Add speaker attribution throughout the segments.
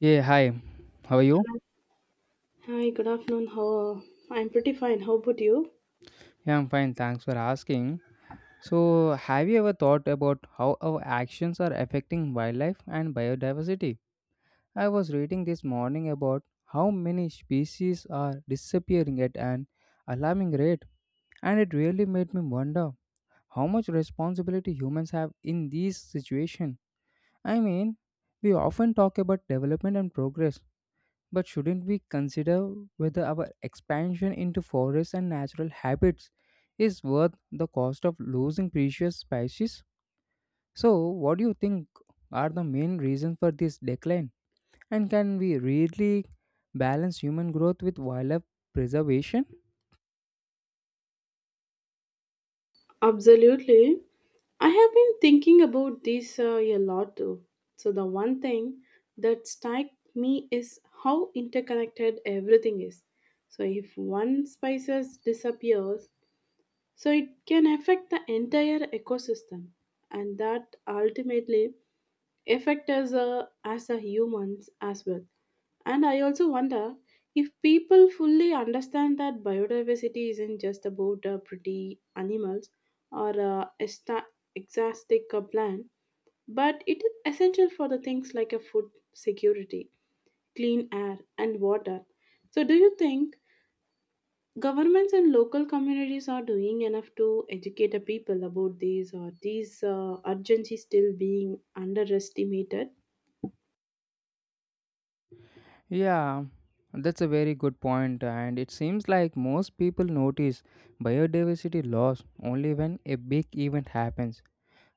Speaker 1: Yeah, hi. How are you?
Speaker 2: Hi, good afternoon. How I'm pretty fine. How about you?
Speaker 1: Yeah, I'm fine. Thanks for asking. So, have you ever thought about how our actions are affecting wildlife and biodiversity? I was reading this morning about how many species are disappearing at an alarming rate, and it really made me wonder how much responsibility humans have in these situations. I mean, we often talk about development and progress, but shouldn't we consider whether our expansion into forests and natural habitats is worth the cost of losing precious species? So, what do you think are the main reasons for this decline? And can we really balance human growth with wildlife preservation?
Speaker 2: Absolutely. I have been thinking about this a lot too. So the one thing that struck me is how interconnected everything is. So if one species disappears, so it can affect the entire ecosystem, and that ultimately affect us as a humans as well. And I also wonder if people fully understand that biodiversity isn't just about pretty animals or exotic plant, but it is essential for the things like a food security, clean air, and water. So, do you think governments and local communities are doing enough to educate the people about these, or these urgency still being underestimated?
Speaker 1: Yeah, that's a very good point, and it seems like most people notice biodiversity loss only when a big event happens,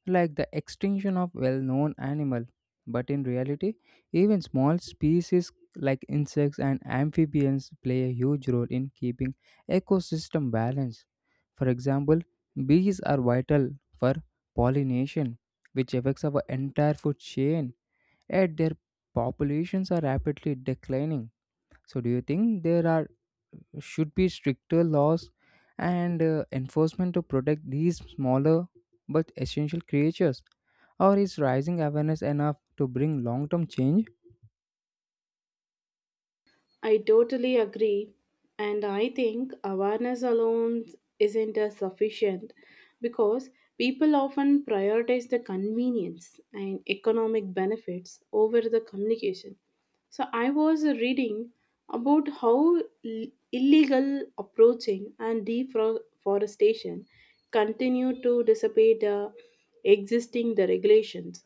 Speaker 1: like the extinction of well-known animal. But in reality, even small species like insects and amphibians play a huge role in keeping ecosystem balance. For example, bees are vital for pollination, which affects our entire food chain, yet their populations are rapidly declining. So, do you think there are should be stricter laws and enforcement to protect these smaller but essential creatures, or is rising awareness enough to bring long term change?
Speaker 2: I totally agree. And I think awareness alone isn't as sufficient because people often prioritize the convenience and economic benefits over the communication. So I was reading about how illegal approaching and deforestation continue to dissipate the existing the regulations,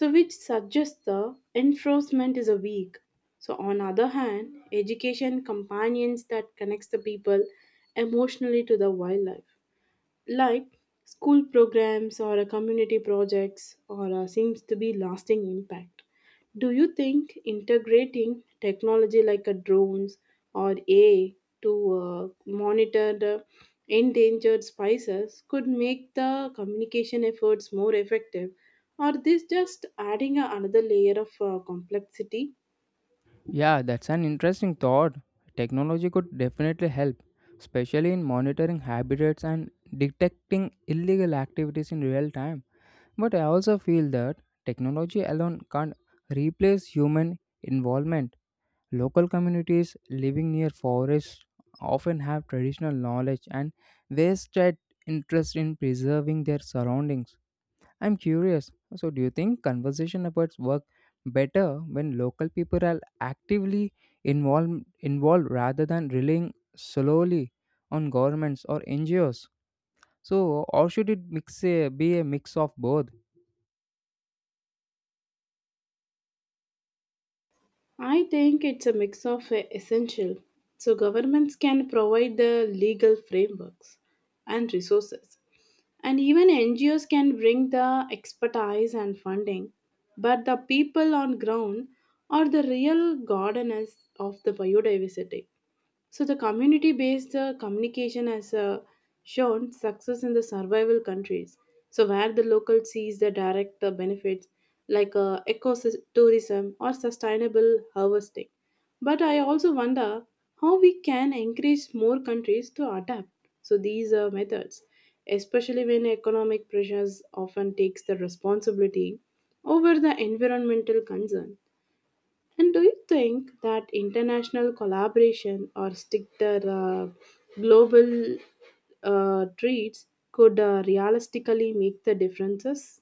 Speaker 2: so which suggests the enforcement is a weak. So on other hand, education companions that connects the people emotionally to the wildlife like school programs or a community projects or seems to be lasting impact. Do you think integrating technology like a drones or AI to monitor the endangered species could make the communication efforts more effective, or this just adding another layer of complexity?
Speaker 1: Yeah, that's an interesting thought. Technology could definitely help, especially in monitoring habitats and detecting illegal activities in real time. But I also feel that technology alone can't replace human involvement. Local communities living near forests often have traditional knowledge and vested interest in preserving their surroundings. I'm curious. So, do you think conversation efforts work better when local people are actively involved rather than relying solely on governments or NGOs? So, or should it mix a, be a mix of both?
Speaker 2: I think it's a mix of essential. So governments can provide the legal frameworks and resources. And even NGOs can bring the expertise and funding. But the people on ground are the real gardeners of the biodiversity. So, the community based communication has shown success in the survival countries. So, where the local sees the direct benefits like ecotourism or sustainable harvesting. But I also wonder how we can encourage more countries to adapt. So, these methods, especially when economic pressures often takes the responsibility over the environmental concern. And do you think that international collaboration or stricter global treats could realistically make the differences?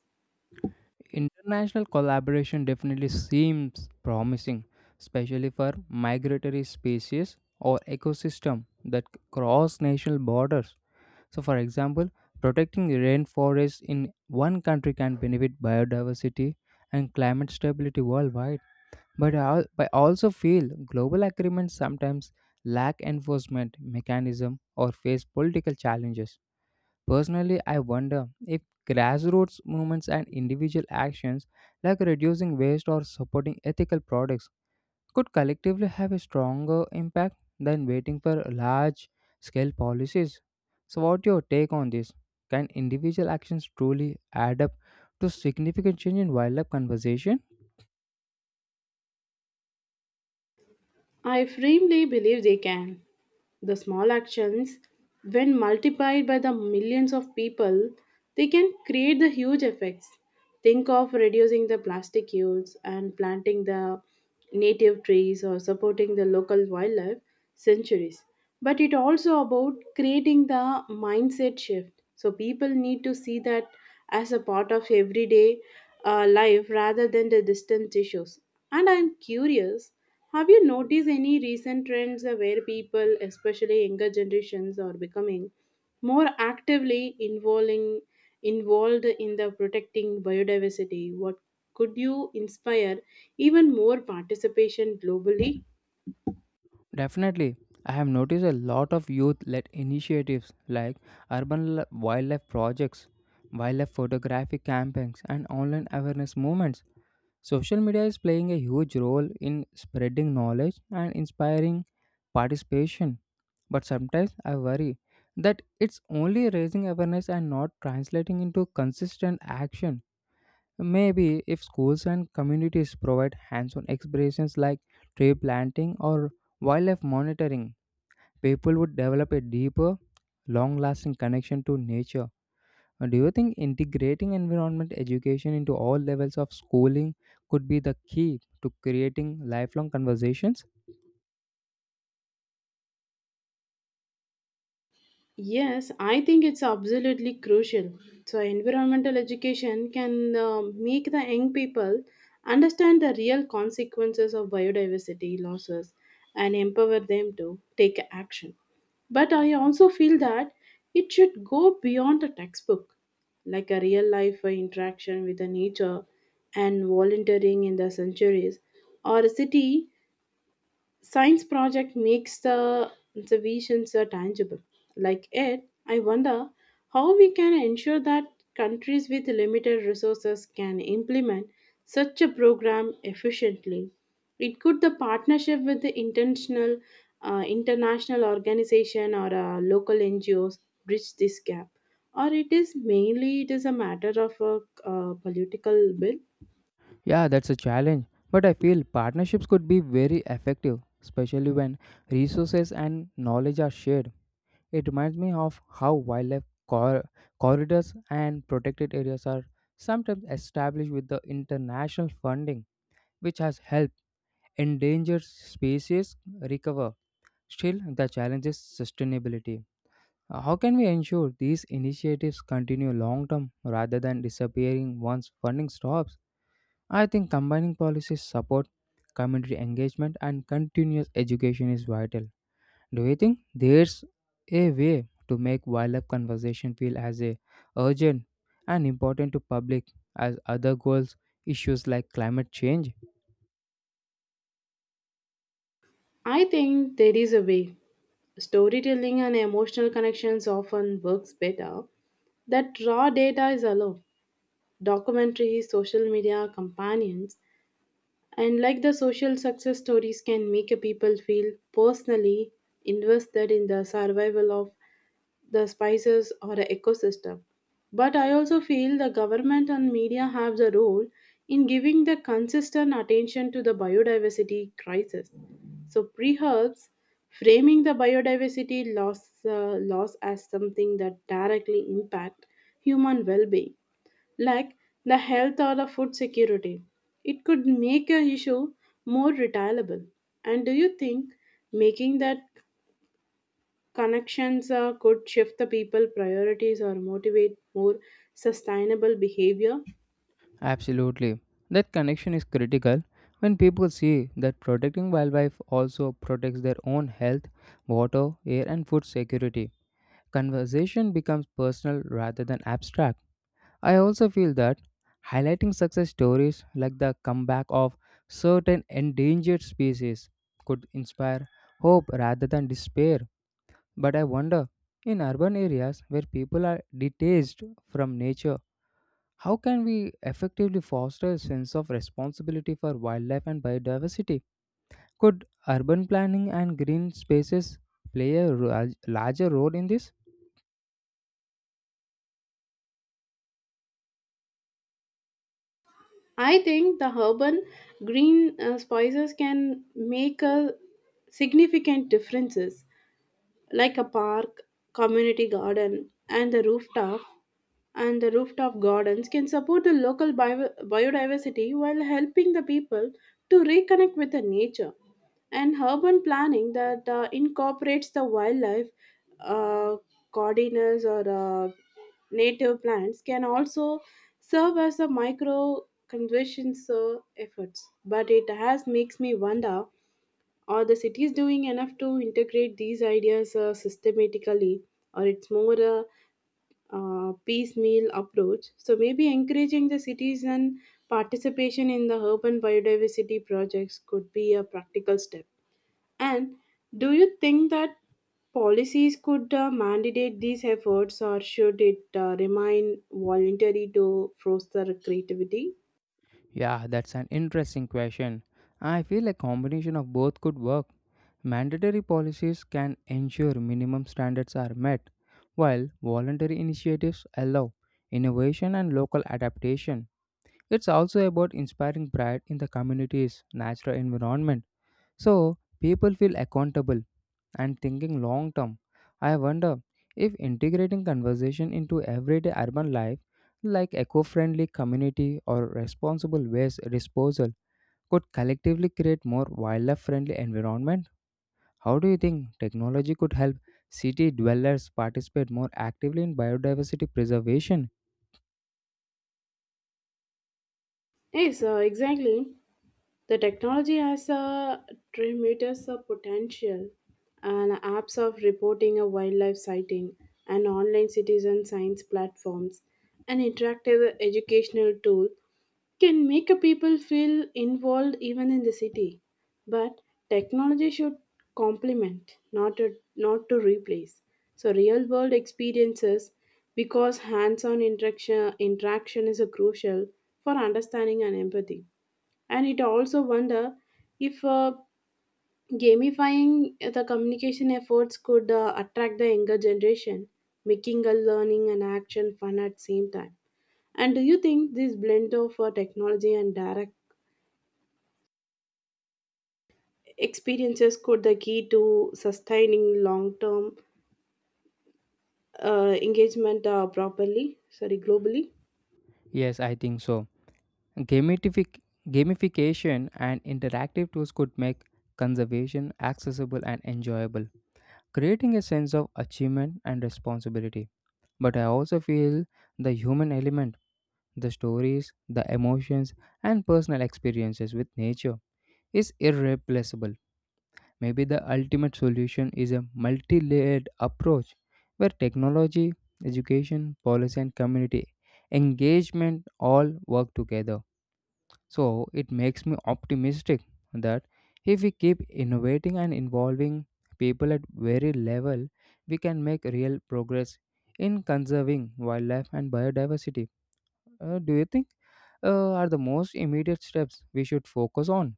Speaker 1: International collaboration definitely seems promising, especially for migratory species or ecosystem that cross national borders. So, for example, protecting the rainforest in one country can benefit biodiversity and climate stability worldwide. But I also feel global agreements sometimes lack enforcement mechanism or face political challenges. Personally, I wonder if grassroots movements and individual actions like reducing waste or supporting ethical products could collectively have a stronger impact than waiting for large scale policies. So, what's your take on this? Can individual actions truly add up to significant change in wildlife conservation?
Speaker 2: I firmly believe they can. The small actions, when multiplied by the millions of people, they can create the huge effects. Think of reducing the plastic use and planting the native trees or supporting the local wildlife centuries. But it also about creating the mindset shift. So people need to see that as a part of everyday life rather than the distant issues. And I'm curious, have you noticed any recent trends where people, especially younger generations, are becoming more actively involved in the protecting biodiversity? What could you inspire even more participation globally?
Speaker 1: Definitely. I have noticed a lot of youth led initiatives like wildlife projects, wildlife photographic campaigns, and online awareness movements. Social media is playing a huge role in spreading knowledge and inspiring participation. But sometimes I worry that it's only raising awareness and not translating into consistent action. Maybe if schools and communities provide hands on expressions like tree planting or wildlife monitoring, people would develop a deeper, long lasting connection to nature. Do you think integrating environment education into all levels of schooling could be the key to creating lifelong conversations?
Speaker 2: Yes, I think it's absolutely crucial. So, environmental education can make the young people understand the real consequences of biodiversity losses and empower them to take action. But I also feel that it should go beyond a textbook, like a real life interaction with the nature and volunteering in the sanctuaries or a city Science project makes the visions are tangible. Like it, I wonder how we can ensure that countries with limited resources can implement such a program efficiently. It could the partnership with the intentional international organization or local NGOs bridge this gap, or it is mainly it is a matter of a political will.
Speaker 1: Yeah, that's a challenge, but I feel partnerships could be very effective, especially when resources and knowledge are shared. It reminds me of how corridors and protected areas are sometimes established with the international funding, which has helped endangered species recover. Still, the challenge is sustainability. How can we ensure these initiatives continue long term rather than disappearing once funding stops? I think combining policy support, community engagement, and continuous education is vital. Do you think there's a way to make wildlife conservation feel as a urgent and important to public as other goals issues like climate change?
Speaker 2: I think there is a way. Storytelling and emotional connections often works better. That raw data is allowed. Documentaries, social media, companions, and like the social success stories can make a people feel personally invested in the survival of the spices or the ecosystem. But I also feel the government and media have the role in giving the consistent attention to the biodiversity crisis. So pre framing the biodiversity loss, loss as something that directly impact human well-being like the health or the food security. It could make your issue more retailable. And do you think making that connections could shift the people priorities or motivate more sustainable behavior?
Speaker 1: Absolutely. That connection is critical. When people see that protecting wildlife also protects their own health, water, air, and food security, conversation becomes personal rather than abstract. I also feel that highlighting success stories like the comeback of certain endangered species could inspire hope rather than despair. But I wonder, in urban areas where people are detached from nature, how can we effectively foster a sense of responsibility for wildlife and biodiversity? Could urban planning and green spaces play a larger role in this?
Speaker 2: I think the urban green spices can make a significant differences like a park, community garden, and the rooftop gardens can support the local biodiversity while helping the people to reconnect with the nature, and urban planning that incorporates the wildlife uh, cordiners or native plants can also serve as a micro conservation efforts. But it has makes me wonder, are the cities doing enough to integrate these ideas systematically, or it's more a piecemeal approach? So maybe encouraging the citizen participation in the urban biodiversity projects could be a practical step. And do you think that policies could mandate these efforts, or should it remain voluntary to foster creativity?
Speaker 1: Yeah, that's an interesting question. I feel a combination of both could work. Mandatory policies can ensure minimum standards are met, while voluntary initiatives allow innovation and local adaptation. It's also about inspiring pride in the community's natural environment, so people feel accountable and thinking long term. I wonder if integrating conversation into everyday urban life, like eco friendly community or responsible waste disposal, could collectively create more wildlife friendly environment. How do you think technology could help city dwellers participate more actively in biodiversity preservation?
Speaker 2: Yes, exactly. The technology has a tremendous potential, and apps of reporting a wildlife sighting, and online citizen science platforms, and interactive educational tool can make a people feel involved even in the city. But technology should complement, not to replace. So real world experiences, because hands-on interaction is a crucial for understanding and empathy. And it also wonder if gamifying the communication efforts could attract the younger generation, making a learning and action fun at same time. And do you think this blend of technology and direct experiences could the key to sustaining long term engagement properly sorry globally?
Speaker 1: Yes, I think so. Gamific- Gamification and interactive tools could make conservation accessible and enjoyable, creating a sense of achievement and responsibility. But I also feel the human element, the stories, the emotions, and personal experiences with nature is irreplaceable. Maybe the ultimate solution is a multi layered approach where technology, education, policy, and community engagement all work together, so it makes me optimistic that if we keep innovating and involving people at very level, we can make real progress in conserving wildlife and biodiversity. Do you think are the most immediate steps we should focus on?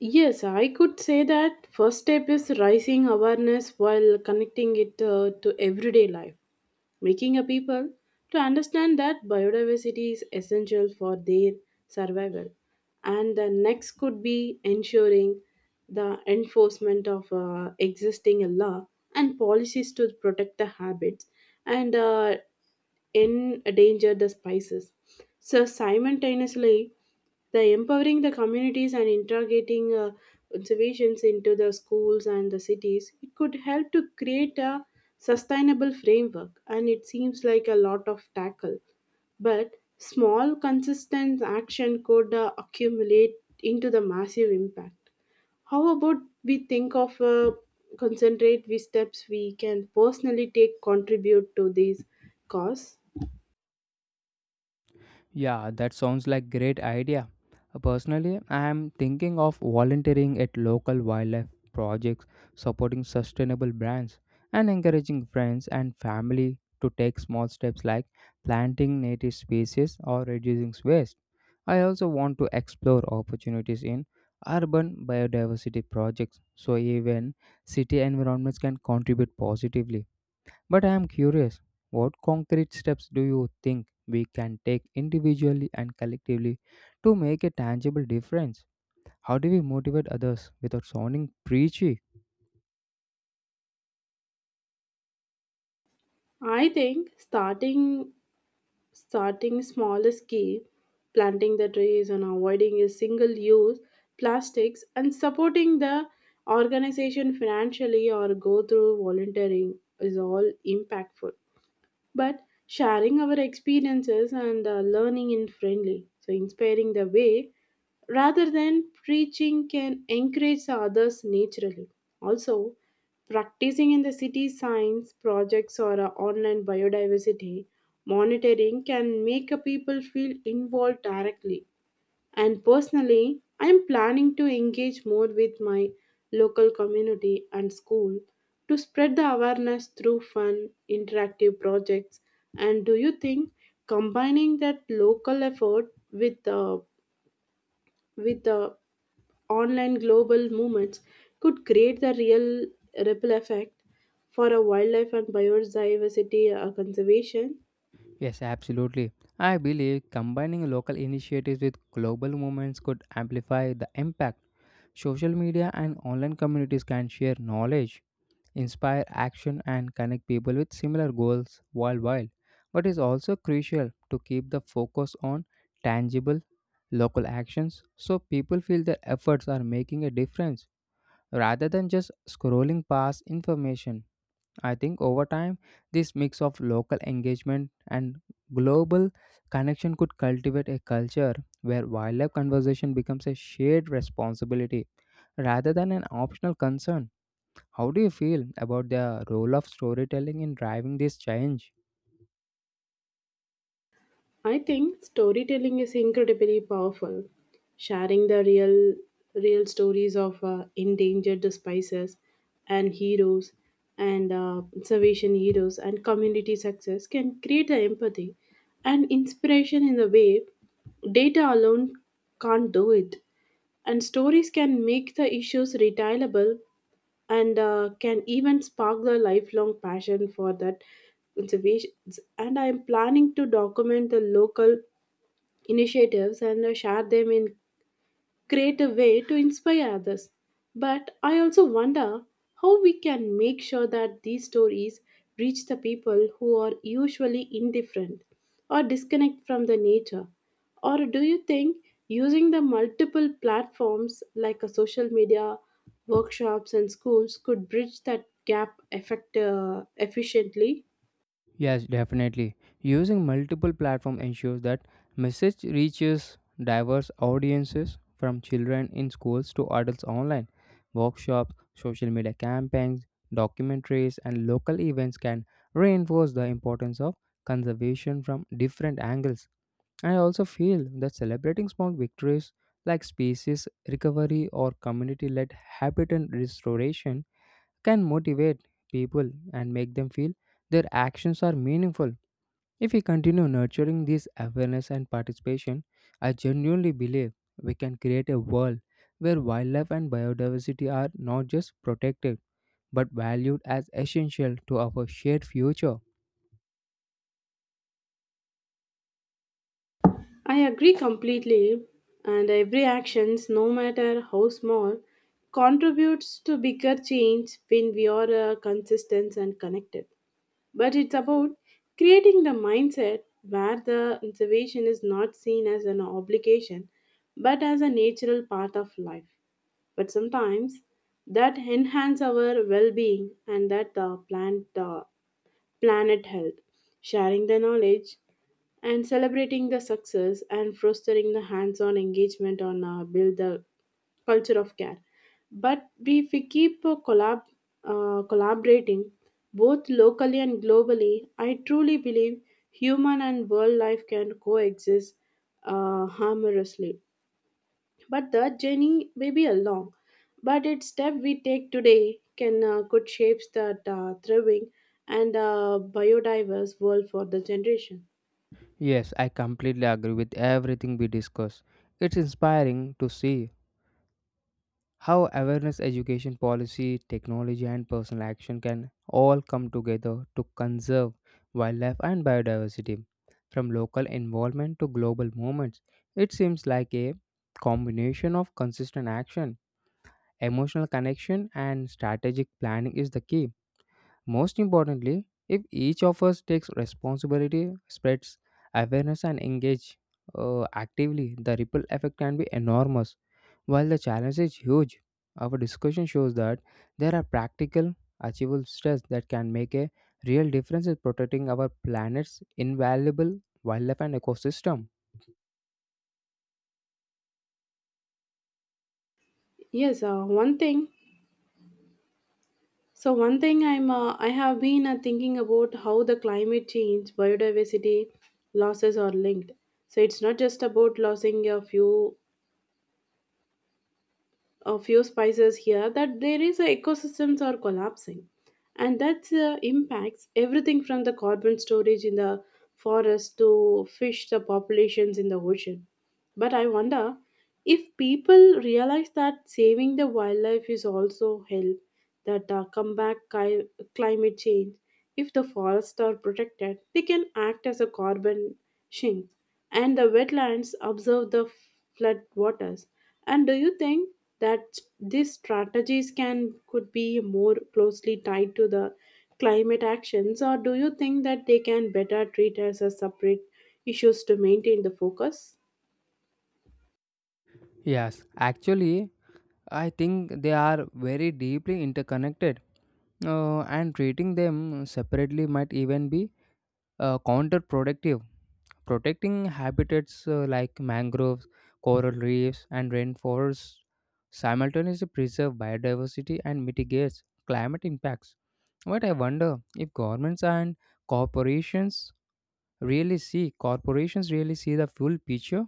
Speaker 2: Yes, I could say that first step is raising awareness while connecting it to everyday life, making a people to understand that biodiversity is essential for their survival. And the next could be ensuring the enforcement of existing law and policies to protect the habits and endanger the spices. So simultaneously, the empowering the communities and integrating observations into the schools and the cities, it could help to create a sustainable framework. And it seems like a lot of tackle, but small consistent action could accumulate into the massive impact. How about we think of concentrate we steps we can personally take contribute to these cause?
Speaker 1: Yeah, that sounds like great idea. Personally, I am thinking of volunteering at local wildlife projects, supporting sustainable brands, and encouraging friends and family to take small steps like planting native species or reducing waste. I also want to explore opportunities in urban biodiversity projects so even city environments can contribute positively. But I am curious, what concrete steps do you think we can take individually and collectively to make a tangible difference? How do we motivate others without sounding preachy?
Speaker 2: I think starting small is key, planting the trees and avoiding a single use plastics and supporting the organization financially or go through volunteering is all impactful. But sharing our experiences and learning in friendly, so inspiring the way rather than preaching, can encourage the others naturally. Also, practicing in the city science projects or online biodiversity monitoring can make a people feel involved directly. And personally, I am planning to engage more with my local community and school to spread the awareness through fun, interactive projects. And do you think combining that local effort with the online global movements could create the real ripple effect for a wildlife and biodiversity conservation?
Speaker 1: Yes, absolutely. I believe combining local initiatives with global movements could amplify the impact. Social media and online communities can share knowledge, inspire action, and connect people with similar goals worldwide, but is also crucial to keep the focus on tangible local actions so people feel their efforts are making a difference rather than just scrolling past information. I think over time this mix of local engagement and global connection could cultivate a culture where wildlife conservation becomes a shared responsibility rather than an optional concern. How do you feel about the role of storytelling in driving this change?
Speaker 2: I think storytelling is incredibly powerful. Sharing the real stories of endangered species, and heroes and conservation heroes and community success can create the empathy and inspiration in a way data alone can't do it. And stories can make the issues retailable and can even spark the lifelong passion for that conservation. And I am planning to document the local initiatives and share them in creative way to inspire others. But I also wonder how we can make sure that these stories reach the people who are usually indifferent or disconnect from the nature. Or do you think using the multiple platforms like a social media, workshops, and schools could bridge that gap efficiently?
Speaker 1: Yes, definitely. Using multiple platforms ensures that message reaches diverse audiences from children in schools to adults online. Workshops, social media campaigns, documentaries, and local events can reinforce the importance of conservation from different angles. I also feel that celebrating small victories like species recovery or community led habitat restoration can motivate people and make them feel their actions are meaningful. If we continue nurturing this awareness and participation, I genuinely believe we can create a world where wildlife and biodiversity are not just protected but valued as essential to our shared future.
Speaker 2: I agree completely, and every actions, no matter how small, contributes to bigger change when we are consistent and connected. But it's about creating the mindset where the observation is not seen as an obligation, but as a natural part of life. But sometimes that enhance our well-being and that plant planet health, sharing the knowledge, and celebrating the success and fostering the hands-on engagement on build the culture of care. But if we keep collaborating both locally and globally, I truly believe human and world life can coexist harmoniously. But the journey may be a long, but each step we take today can could shapes that thriving and biodiverse world for the generation.
Speaker 1: Yes, I completely agree with everything we discussed. It's inspiring to see how awareness, education, policy, technology, and personal action can all come together to conserve wildlife and biodiversity. From local involvement to global movements, it seems like a combination of consistent action, emotional connection, and strategic planning is the key. Most importantly, if each of us takes responsibility, spreads awareness, and engage actively, the ripple effect can be enormous. While the challenge is huge, our discussion shows that there are practical, achievable steps that can make a real difference in protecting our planet's invaluable wildlife and ecosystem.
Speaker 2: Yes, one thing. So one thing I have been thinking about how the climate change biodiversity losses are linked. So it's not just about losing a few spices here that there is a ecosystems are collapsing, and that impacts everything from the carbon storage in the forest to fish the populations in the ocean. But I wonder if people realize that saving the wildlife is also help that climate change. If the forests are protected, they can act as a carbon sink, and the wetlands absorb the flood waters. And do you think that these strategies can could be more closely tied to the climate actions, or do you think that they can better treat as a separate issues to maintain the focus?
Speaker 1: Yes, actually, I think they are very deeply interconnected, and treating them separately might even be counterproductive. Protecting habitats like mangroves, coral reefs, and rainforests simultaneously preserve biodiversity and mitigates climate impacts. But I wonder if governments and corporations corporations really see the full picture.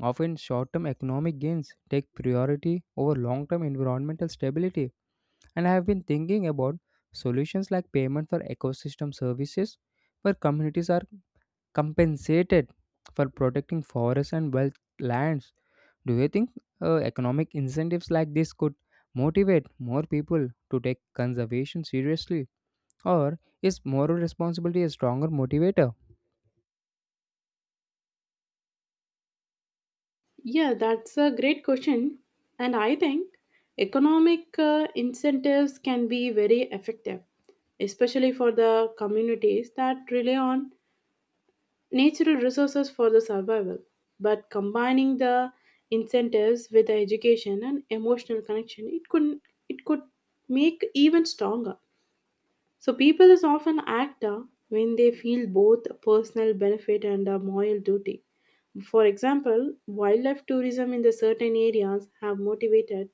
Speaker 1: Often, short-term economic gains take priority over long-term environmental stability. And I have been thinking about solutions like payment for ecosystem services, where communities are compensated for protecting forests and wetlands. Do you think economic incentives like this could motivate more people to take conservation seriously? Or is moral responsibility a stronger motivator?
Speaker 2: Yeah, that's a great question. And I think economic incentives can be very effective, especially for the communities that rely on natural resources for the survival. But combining the incentives with the education and emotional connection, it could make even stronger. So people is often act when they feel both personal benefit and a moral duty. For example, wildlife tourism in the certain areas have motivated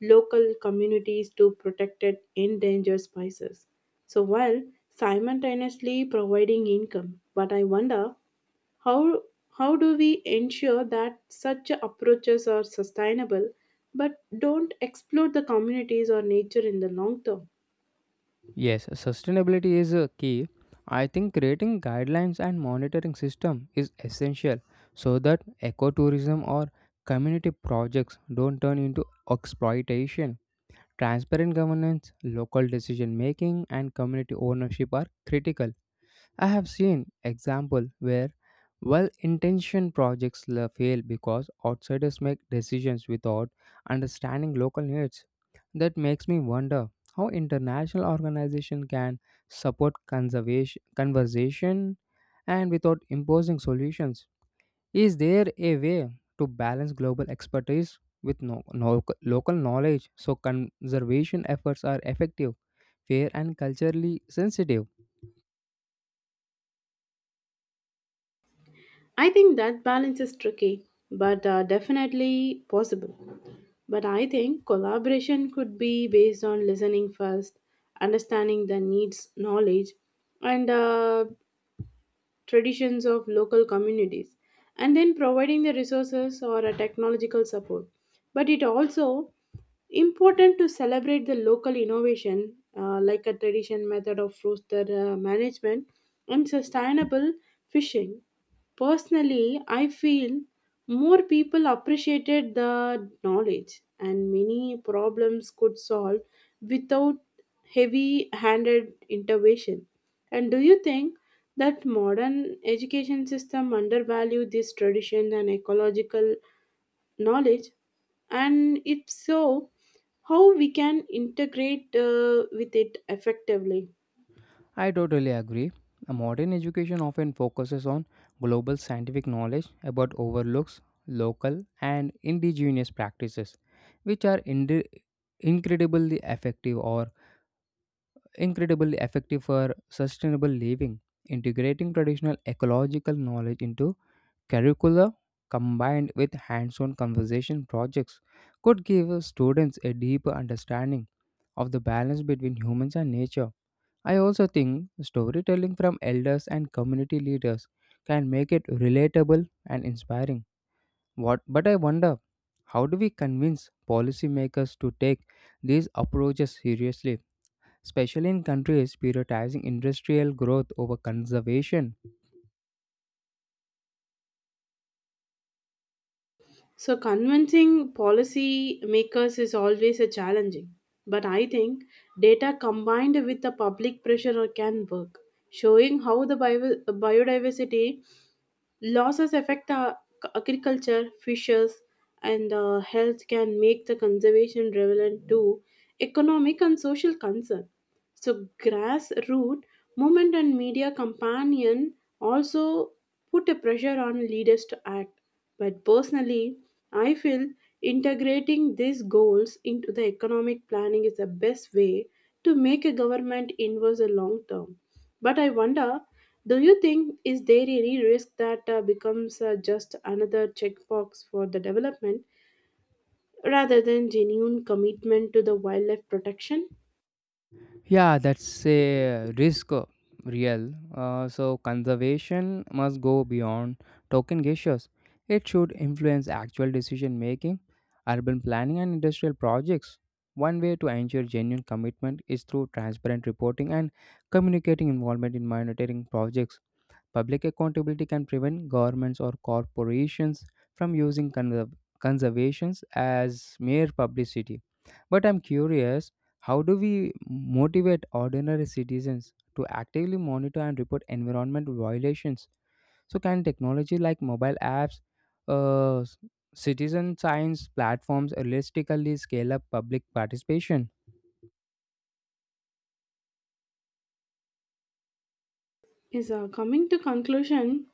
Speaker 2: local communities to protect it endangered species. So while simultaneously providing income. But I wonder how how do we ensure that such approaches are sustainable but don't exploit the communities or nature in the long term?
Speaker 1: Yes, sustainability is a key. I think creating guidelines and monitoring system is essential so that ecotourism or community projects don't turn into exploitation. Transparent governance, local decision making, and community ownership are critical. I have seen example where fail because outsiders make decisions without understanding local needs. That makes me wonder how international organizations can support conservation conversation and without imposing solutions. Is there a way to balance global expertise with no, no, local knowledge so conservation efforts are effective, fair, and culturally sensitive?
Speaker 2: I think that balance is tricky, but definitely possible. But I think collaboration could be based on listening first, understanding the needs, knowledge, and traditions of local communities, and then providing the resources or a technological support. But it also important to celebrate the local innovation like a tradition method of rooster management and sustainable fishing. Personally, I feel more people appreciated the knowledge and many problems could solve without heavy handed intervention. And do you think that modern education system undervalue this tradition and ecological knowledge, and if so, how we can integrate with it effectively?
Speaker 1: I totally agree. A modern education often focuses on global scientific knowledge but overlooks local and indigenous practices, which are incredibly effective or incredibly effective for sustainable living. Integrating traditional ecological knowledge into curricula combined with hands on conversation projects could give students a deeper understanding of the balance between humans and nature. I also think storytelling from elders and community leaders can make it relatable and inspiring. But I wonder, how do we convince policymakers to take these approaches seriously, especially in countries prioritizing industrial growth over conservation?
Speaker 2: So convincing policy makers is always a challenging, but I think data combined with the public pressure can work, showing how the biodiversity Losses affect the agriculture, fishes, and health can make the conservation relevant to economic and social concern. So, grassroots movement and media companion also put a pressure on leaders to act. But personally, I feel integrating these goals into the economic planning is the best way to make a government inverse a long term. But I wonder, do you think is there any risk that becomes just another checkbox for the development rather than genuine commitment to the wildlife protection?
Speaker 1: Yeah, that's a risk, real. So conservation must go beyond token gestures. It should influence actual decision making, urban planning, and industrial projects. One way to ensure genuine commitment is through transparent reporting and communicating involvement in monitoring projects. Public accountability can prevent governments or corporations from using conservations as mere publicity. But I'm curious, how do we motivate ordinary citizens to actively monitor and report environmental violations? So, can technology like mobile apps, uh, s- citizen science platforms realistically scale up public participation?
Speaker 2: Is coming to conclusion.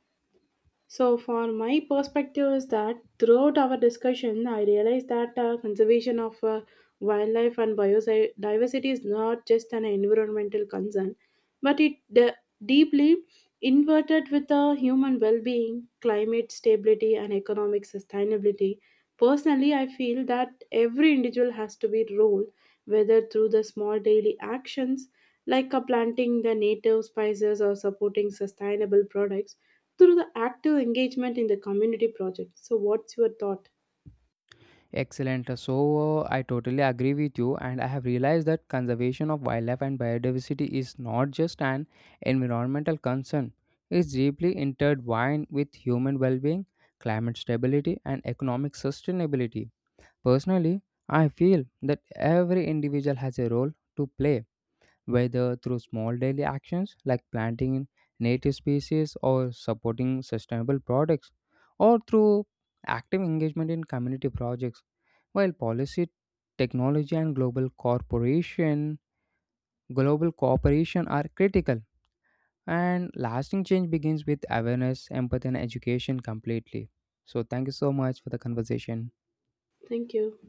Speaker 2: So, for my perspective, is that throughout our discussion, I realized that conservation of wildlife and biodiversity is not just an environmental concern, but it deeply inverted with the human well being, climate stability, and economic sustainability. Personally, I feel that every individual has to be role, whether through the small daily actions like planting the native spices or supporting sustainable products through the active engagement in the community project. So, what's your thought?
Speaker 1: Excellent. So, I totally agree with you, and I have realized that conservation of wildlife and biodiversity is not just an environmental concern, it's deeply intertwined with human well being, climate stability, and economic sustainability. Personally, I feel that every individual has a role to play whether through small daily actions like planting native species or supporting sustainable products, or through active engagement in community projects. While policy, technology, and global cooperation are critical, and lasting change begins with awareness, empathy, and education completely. So, thank you so much for the conversation.
Speaker 2: Thank you.